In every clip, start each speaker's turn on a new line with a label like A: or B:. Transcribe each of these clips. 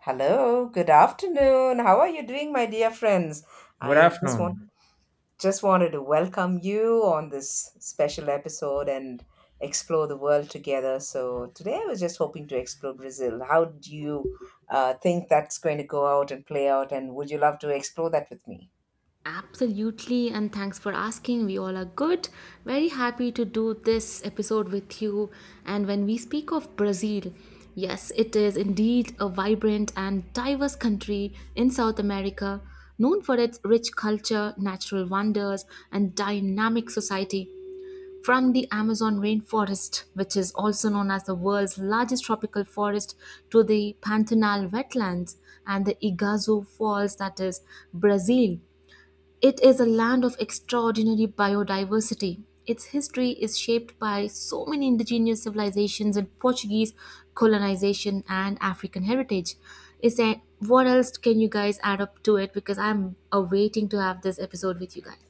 A: Hello, good afternoon. How are you doing, my dear friends?
B: Good
A: I just want
B: afternoon.
A: Just wanted to welcome you on this special episode and explore the world together. So today I was just hoping to explore Brazil. How do you think that's going to go out and play out? And would you love to explore that with me?
C: Absolutely, and thanks for asking. We all are good. Very happy to do this episode with you. And when we speak of Brazil, yes, it is indeed a vibrant and diverse country in South America, known for its rich culture, natural wonders, and dynamic society. From the Amazon rainforest, which is also known as the world's largest tropical forest, to the Pantanal wetlands and the Iguazu Falls, that is Brazil, it is a land of extraordinary biodiversity. Its history is shaped by so many indigenous civilizations and Portuguese colonization and African heritage. Is there What else can you guys add up to it? Because I'm awaiting to have this episode with you guys.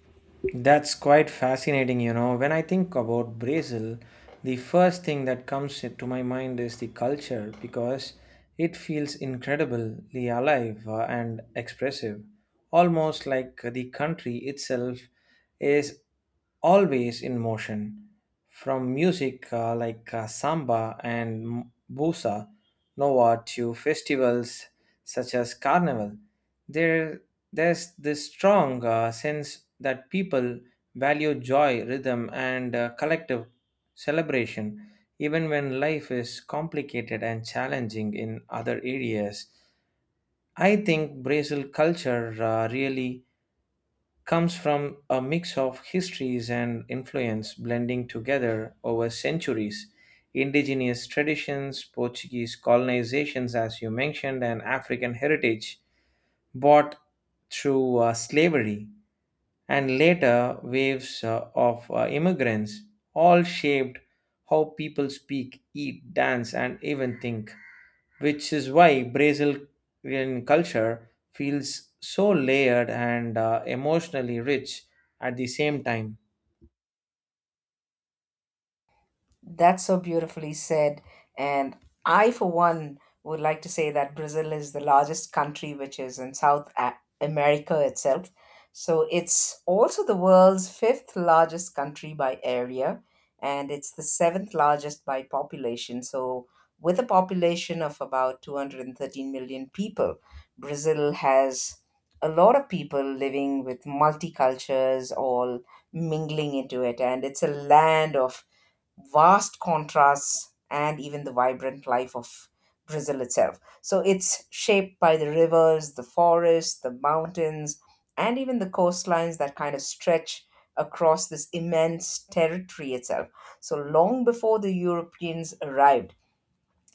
B: That's quite fascinating, you know. When I think about Brazil, the first thing that comes to my mind is the culture because it feels incredibly alive and expressive, almost like the country itself is. Always in motion from music like samba and bossa nova to festivals such as carnival there there's this strong sense that people value joy rhythm and collective celebration even when life is complicated and challenging in other areas. I think brazil culture really comes from a mix of histories and influence blending together over centuries, indigenous traditions, Portuguese colonizations, as you mentioned, and African heritage bought through slavery, and later waves of immigrants, all shaped how people speak, eat, dance, and even think, which is why Brazilian culture feels so layered and emotionally rich at the same time.
A: That's so beautifully said. And I, for one, would like to say that Brazil is the largest country, which is in America itself. So it's also the world's fifth largest country by area, and it's the seventh largest by population. So, with a population of about 213 million people, Brazil has a lot of people living with multicultures all mingling into it, and it's a land of vast contrasts and even the vibrant life of Brazil itself. So it's shaped by the rivers, the forests, the mountains, and even the coastlines that kind of stretch across this immense territory itself. So long before the Europeans arrived,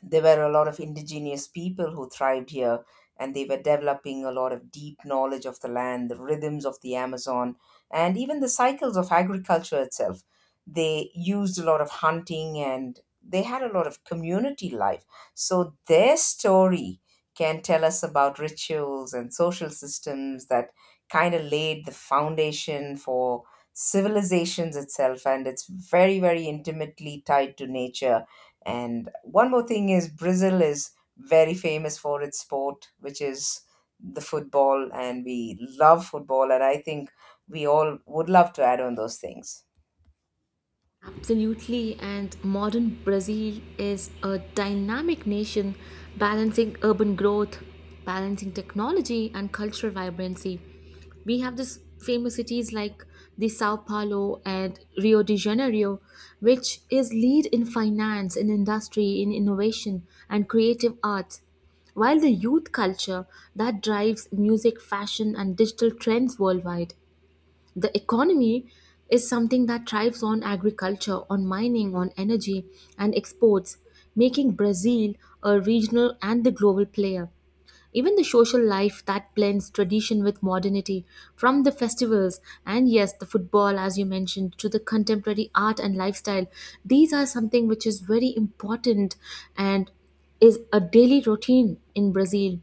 A: there were a lot of indigenous people who thrived here, and they were developing a lot of deep knowledge of the land, the rhythms of the Amazon, and even the cycles of agriculture itself. They used a lot of hunting and they had a lot of community life. So their story can tell us about rituals and social systems that kind of laid the foundation for civilizations itself, and it's very very intimately tied to nature. And one more thing is Brazil is very famous for its sport, which is the football, and we love football, and I think we all would love to add on those things.
C: Absolutely, and modern Brazil is a dynamic nation balancing urban growth, balancing technology, and cultural vibrancy. We have this famous cities like the Sao Paulo and Rio de Janeiro, which is lead in finance, in industry, in innovation, and creative arts. While the youth culture that drives music, fashion, and digital trends worldwide, the economy is something that thrives on agriculture, on mining, on energy, and exports, making Brazil a regional and the global player. Even the social life that blends tradition with modernity, from the festivals and yes, the football, as you mentioned, to the contemporary art and lifestyle, these are something which is very important and is a daily routine in Brazil.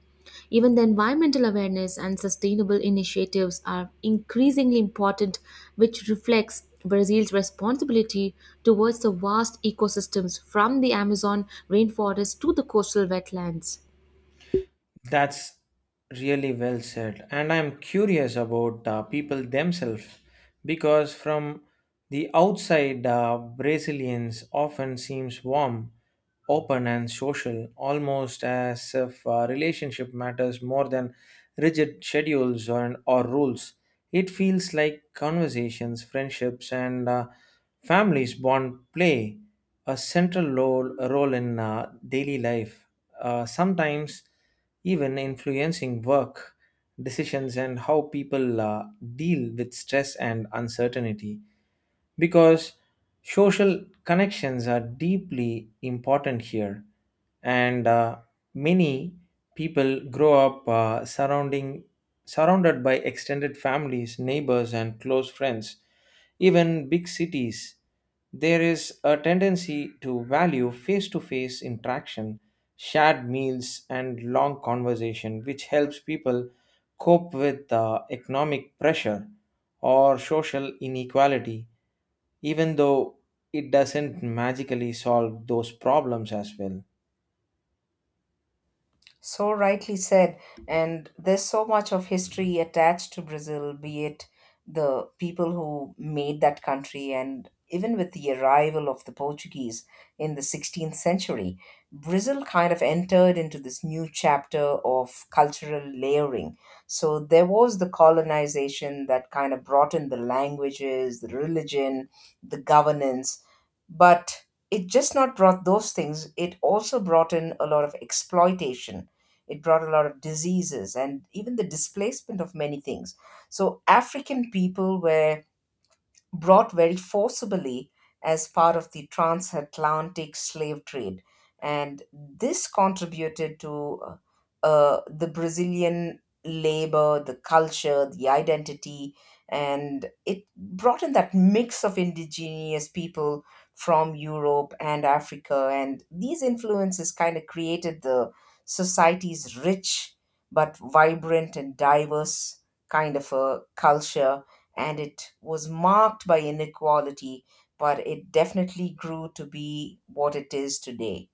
C: Even the environmental awareness and sustainable initiatives are increasingly important, which reflects Brazil's responsibility towards the vast ecosystems from the Amazon rainforest to the coastal wetlands.
B: That's really well said. And I'm curious about people themselves because from the outside, Brazilians often seems warm, open, and social, almost as if relationship matters more than rigid schedules or rules. It feels like conversations, friendships, and families bond play a central role in daily life. Sometimes even influencing work decisions and how people deal with stress and uncertainty because social connections are deeply important here and many people grow up surrounding surrounded by extended families, neighbors, and close friends. Even big cities, there is a tendency to value face to face interaction, shared meals and long conversation, which helps people cope with economic pressure or social inequality, even though it doesn't magically solve those problems as well.
A: So rightly said. And there's so much of history attached to Brazil, be it the people who made that country, and even with the arrival of the Portuguese in the 16th century, Brazil kind of entered into this new chapter of cultural layering. So there was the colonization that kind of brought in the languages, the religion, the governance, but it just not brought those things, it also brought in a lot of exploitation, it brought a lot of diseases and even the displacement of many things. So African people were brought very forcibly as part of the transatlantic slave trade. And this contributed to uh, the Brazilian labor, the culture, the identity, and it brought in that mix of indigenous people from Europe and Africa. And these influences kind of created the society's rich but vibrant and diverse kind of a culture, and it was marked by inequality, but it definitely grew to be what it is today.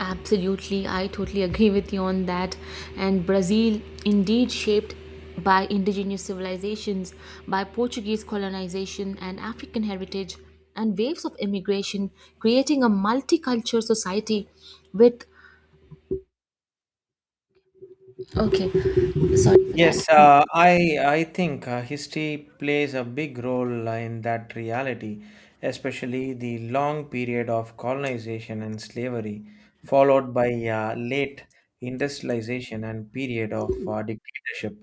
C: Absolutely, I totally agree with you on that. And Brazil, indeed shaped by indigenous civilizations, by Portuguese colonization and African heritage, and waves of immigration, creating a multicultural society with. Okay, sorry for that.
B: Yes, I think history plays a big role in that reality, especially the long period of colonization and slavery, followed by late industrialization and period of dictatorship.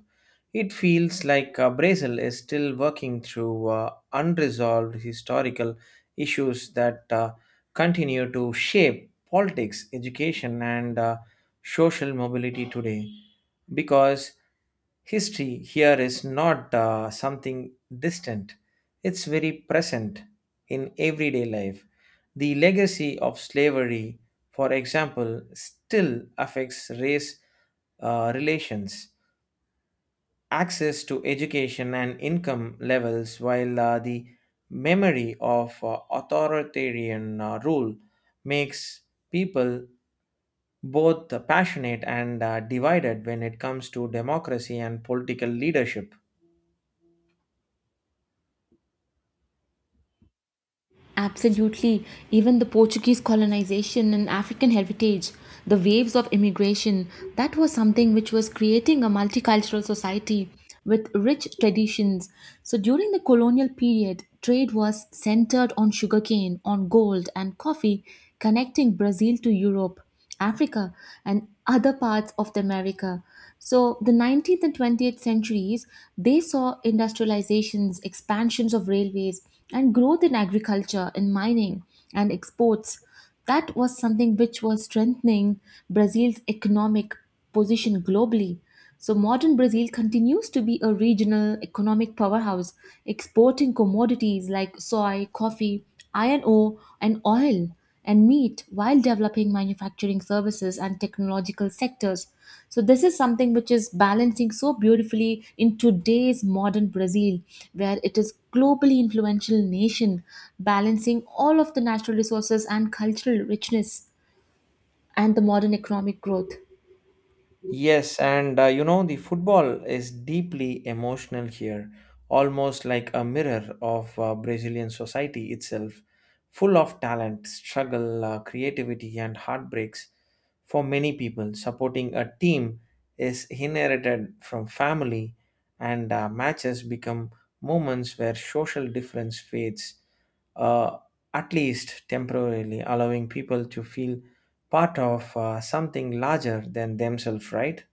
B: It feels like Brazil is still working through unresolved historical issues that continue to shape politics, education, and social mobility today, because history here is not something distant, it's very present in everyday life. The legacy of slavery, for example, still affects race relations, access to education, and income levels, while the memory of authoritarian rule makes people both passionate and divided when it comes to democracy and political leadership.
C: Absolutely. Even the Portuguese colonization and African heritage, the waves of immigration, that was something which was creating a multicultural society with rich traditions. So during the colonial period, trade was centered on sugarcane, on gold, and coffee, connecting Brazil to Europe. Africa and other parts of the America. So the 19th and 20th centuries, they saw industrializations, expansions of railways, and growth in agriculture and mining and exports. That was something which was strengthening Brazil's economic position globally. So modern Brazil continues to be a regional economic powerhouse, exporting commodities like soy, coffee, iron ore, and oil and meat while developing manufacturing services and technological sectors. So this is something which is balancing so beautifully in today's modern Brazil, where it is globally influential nation, balancing all of the natural resources and cultural richness and the modern economic growth.
B: Yes, and you know, the football is deeply emotional here, almost like a mirror of Brazilian society itself, full of talent, struggle, creativity, and heartbreaks. For many people, supporting a team is inherited from family, and matches become moments where social difference fades, uh, at least temporarily, allowing people to feel part of something larger than themselves, right?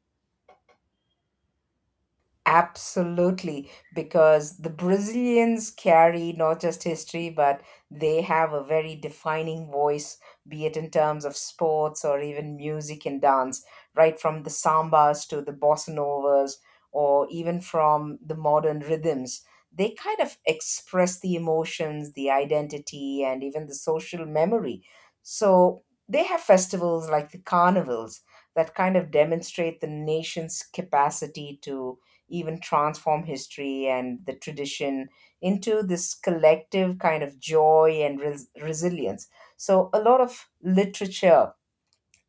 A: Absolutely, because the Brazilians carry not just history, but they have a very defining voice, be it in terms of sports or even music and dance, right from the sambas to the bossa novas, or even from the modern rhythms. They kind of express the emotions, the identity, and even the social memory. So they have festivals like the carnivals that kind of demonstrate the nation's capacity to even transform history and the tradition into this collective kind of joy and resilience. So, a lot of literature,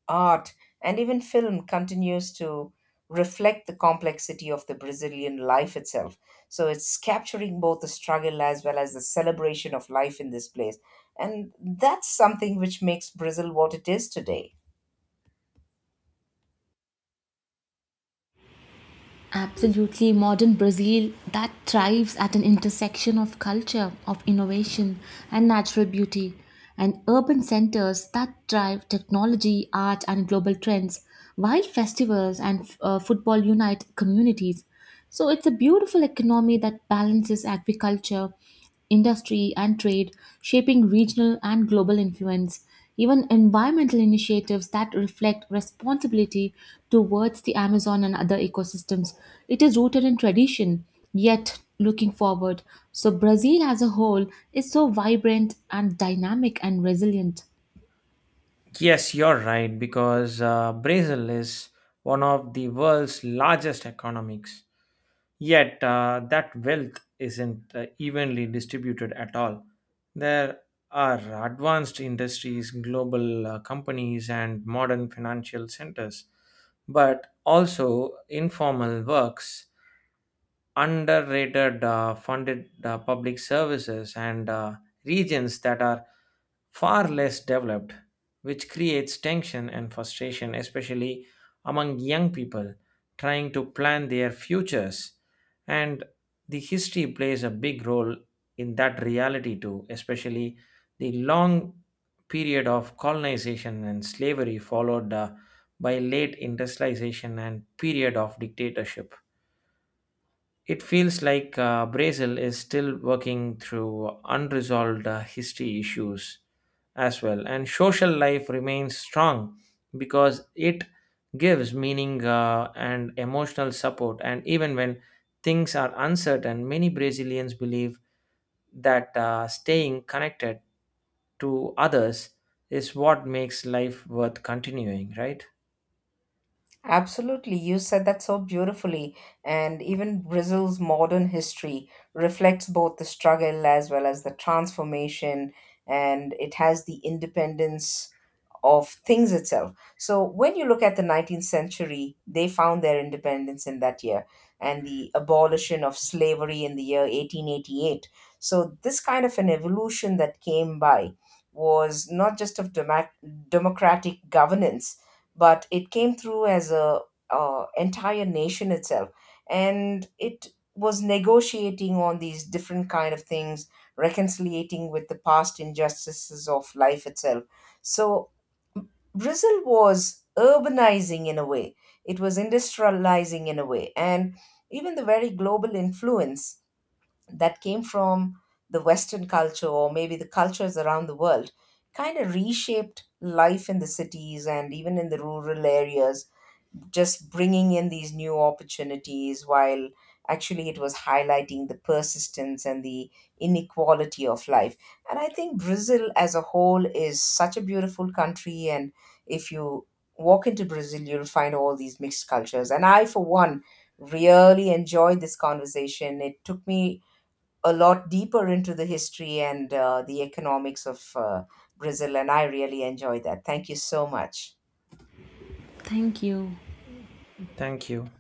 A: art, and even film continues to reflect the complexity of the Brazilian life itself. So, it's capturing both the struggle as well as the celebration of life in this place. And that's something which makes Brazil what it is today.
C: Absolutely, modern Brazil that thrives at an intersection of culture, of innovation, and natural beauty, and urban centers that drive technology, art, and global trends, while festivals and football unite communities. So it's a beautiful economy that balances agriculture, industry, and trade, shaping regional and global influence. Even environmental initiatives that reflect responsibility towards the Amazon and other ecosystems. It is rooted in tradition, yet looking forward. So, Brazil as a whole is so vibrant and dynamic and resilient.
B: Yes, you're right, because Brazil is one of the world's largest economies. Yet, that wealth isn't evenly distributed at all. There are advanced industries, global companies, and modern financial centers, but also informal works, underrated funded public services, and regions that are far less developed, which creates tension and frustration, especially among young people trying to plan their futures. And the history plays a big role in that reality, too, especially the long period of colonization and slavery, followed by late industrialization and period of dictatorship. It feels like Brazil is still working through unresolved history issues as well, and social life remains strong because it gives meaning and emotional support. And even when things are uncertain, many Brazilians believe that staying connected to others is what makes life worth continuing, right?
A: Absolutely, you said that so beautifully. And even Brazil's modern history reflects both the struggle as well as the transformation, and it has the independence of things itself. So when you look at the 19th century, they found their independence in that year, and the abolition of slavery in the year 1888. So this kind of an evolution that came by was not just of democratic governance, but it came through as a entire nation itself. And it was negotiating on these different kind of things, reconciliating with the past injustices of life itself. So Brazil was urbanizing in a way, it was industrializing in a way, and even the very global influence that came from the Western culture or maybe the cultures around the world kind of reshaped life in the cities and even in the rural areas, just bringing in these new opportunities while actually it was highlighting the persistence and the inequality of life. And I think Brazil as a whole is such a beautiful country, and if you walk into Brazil, you'll find all these mixed cultures. And I, for one, really enjoyed this conversation. It took me a lot deeper into the history and the economics of Brazil, and I really enjoyed that. Thank you so much.
C: Thank you.
B: Thank you.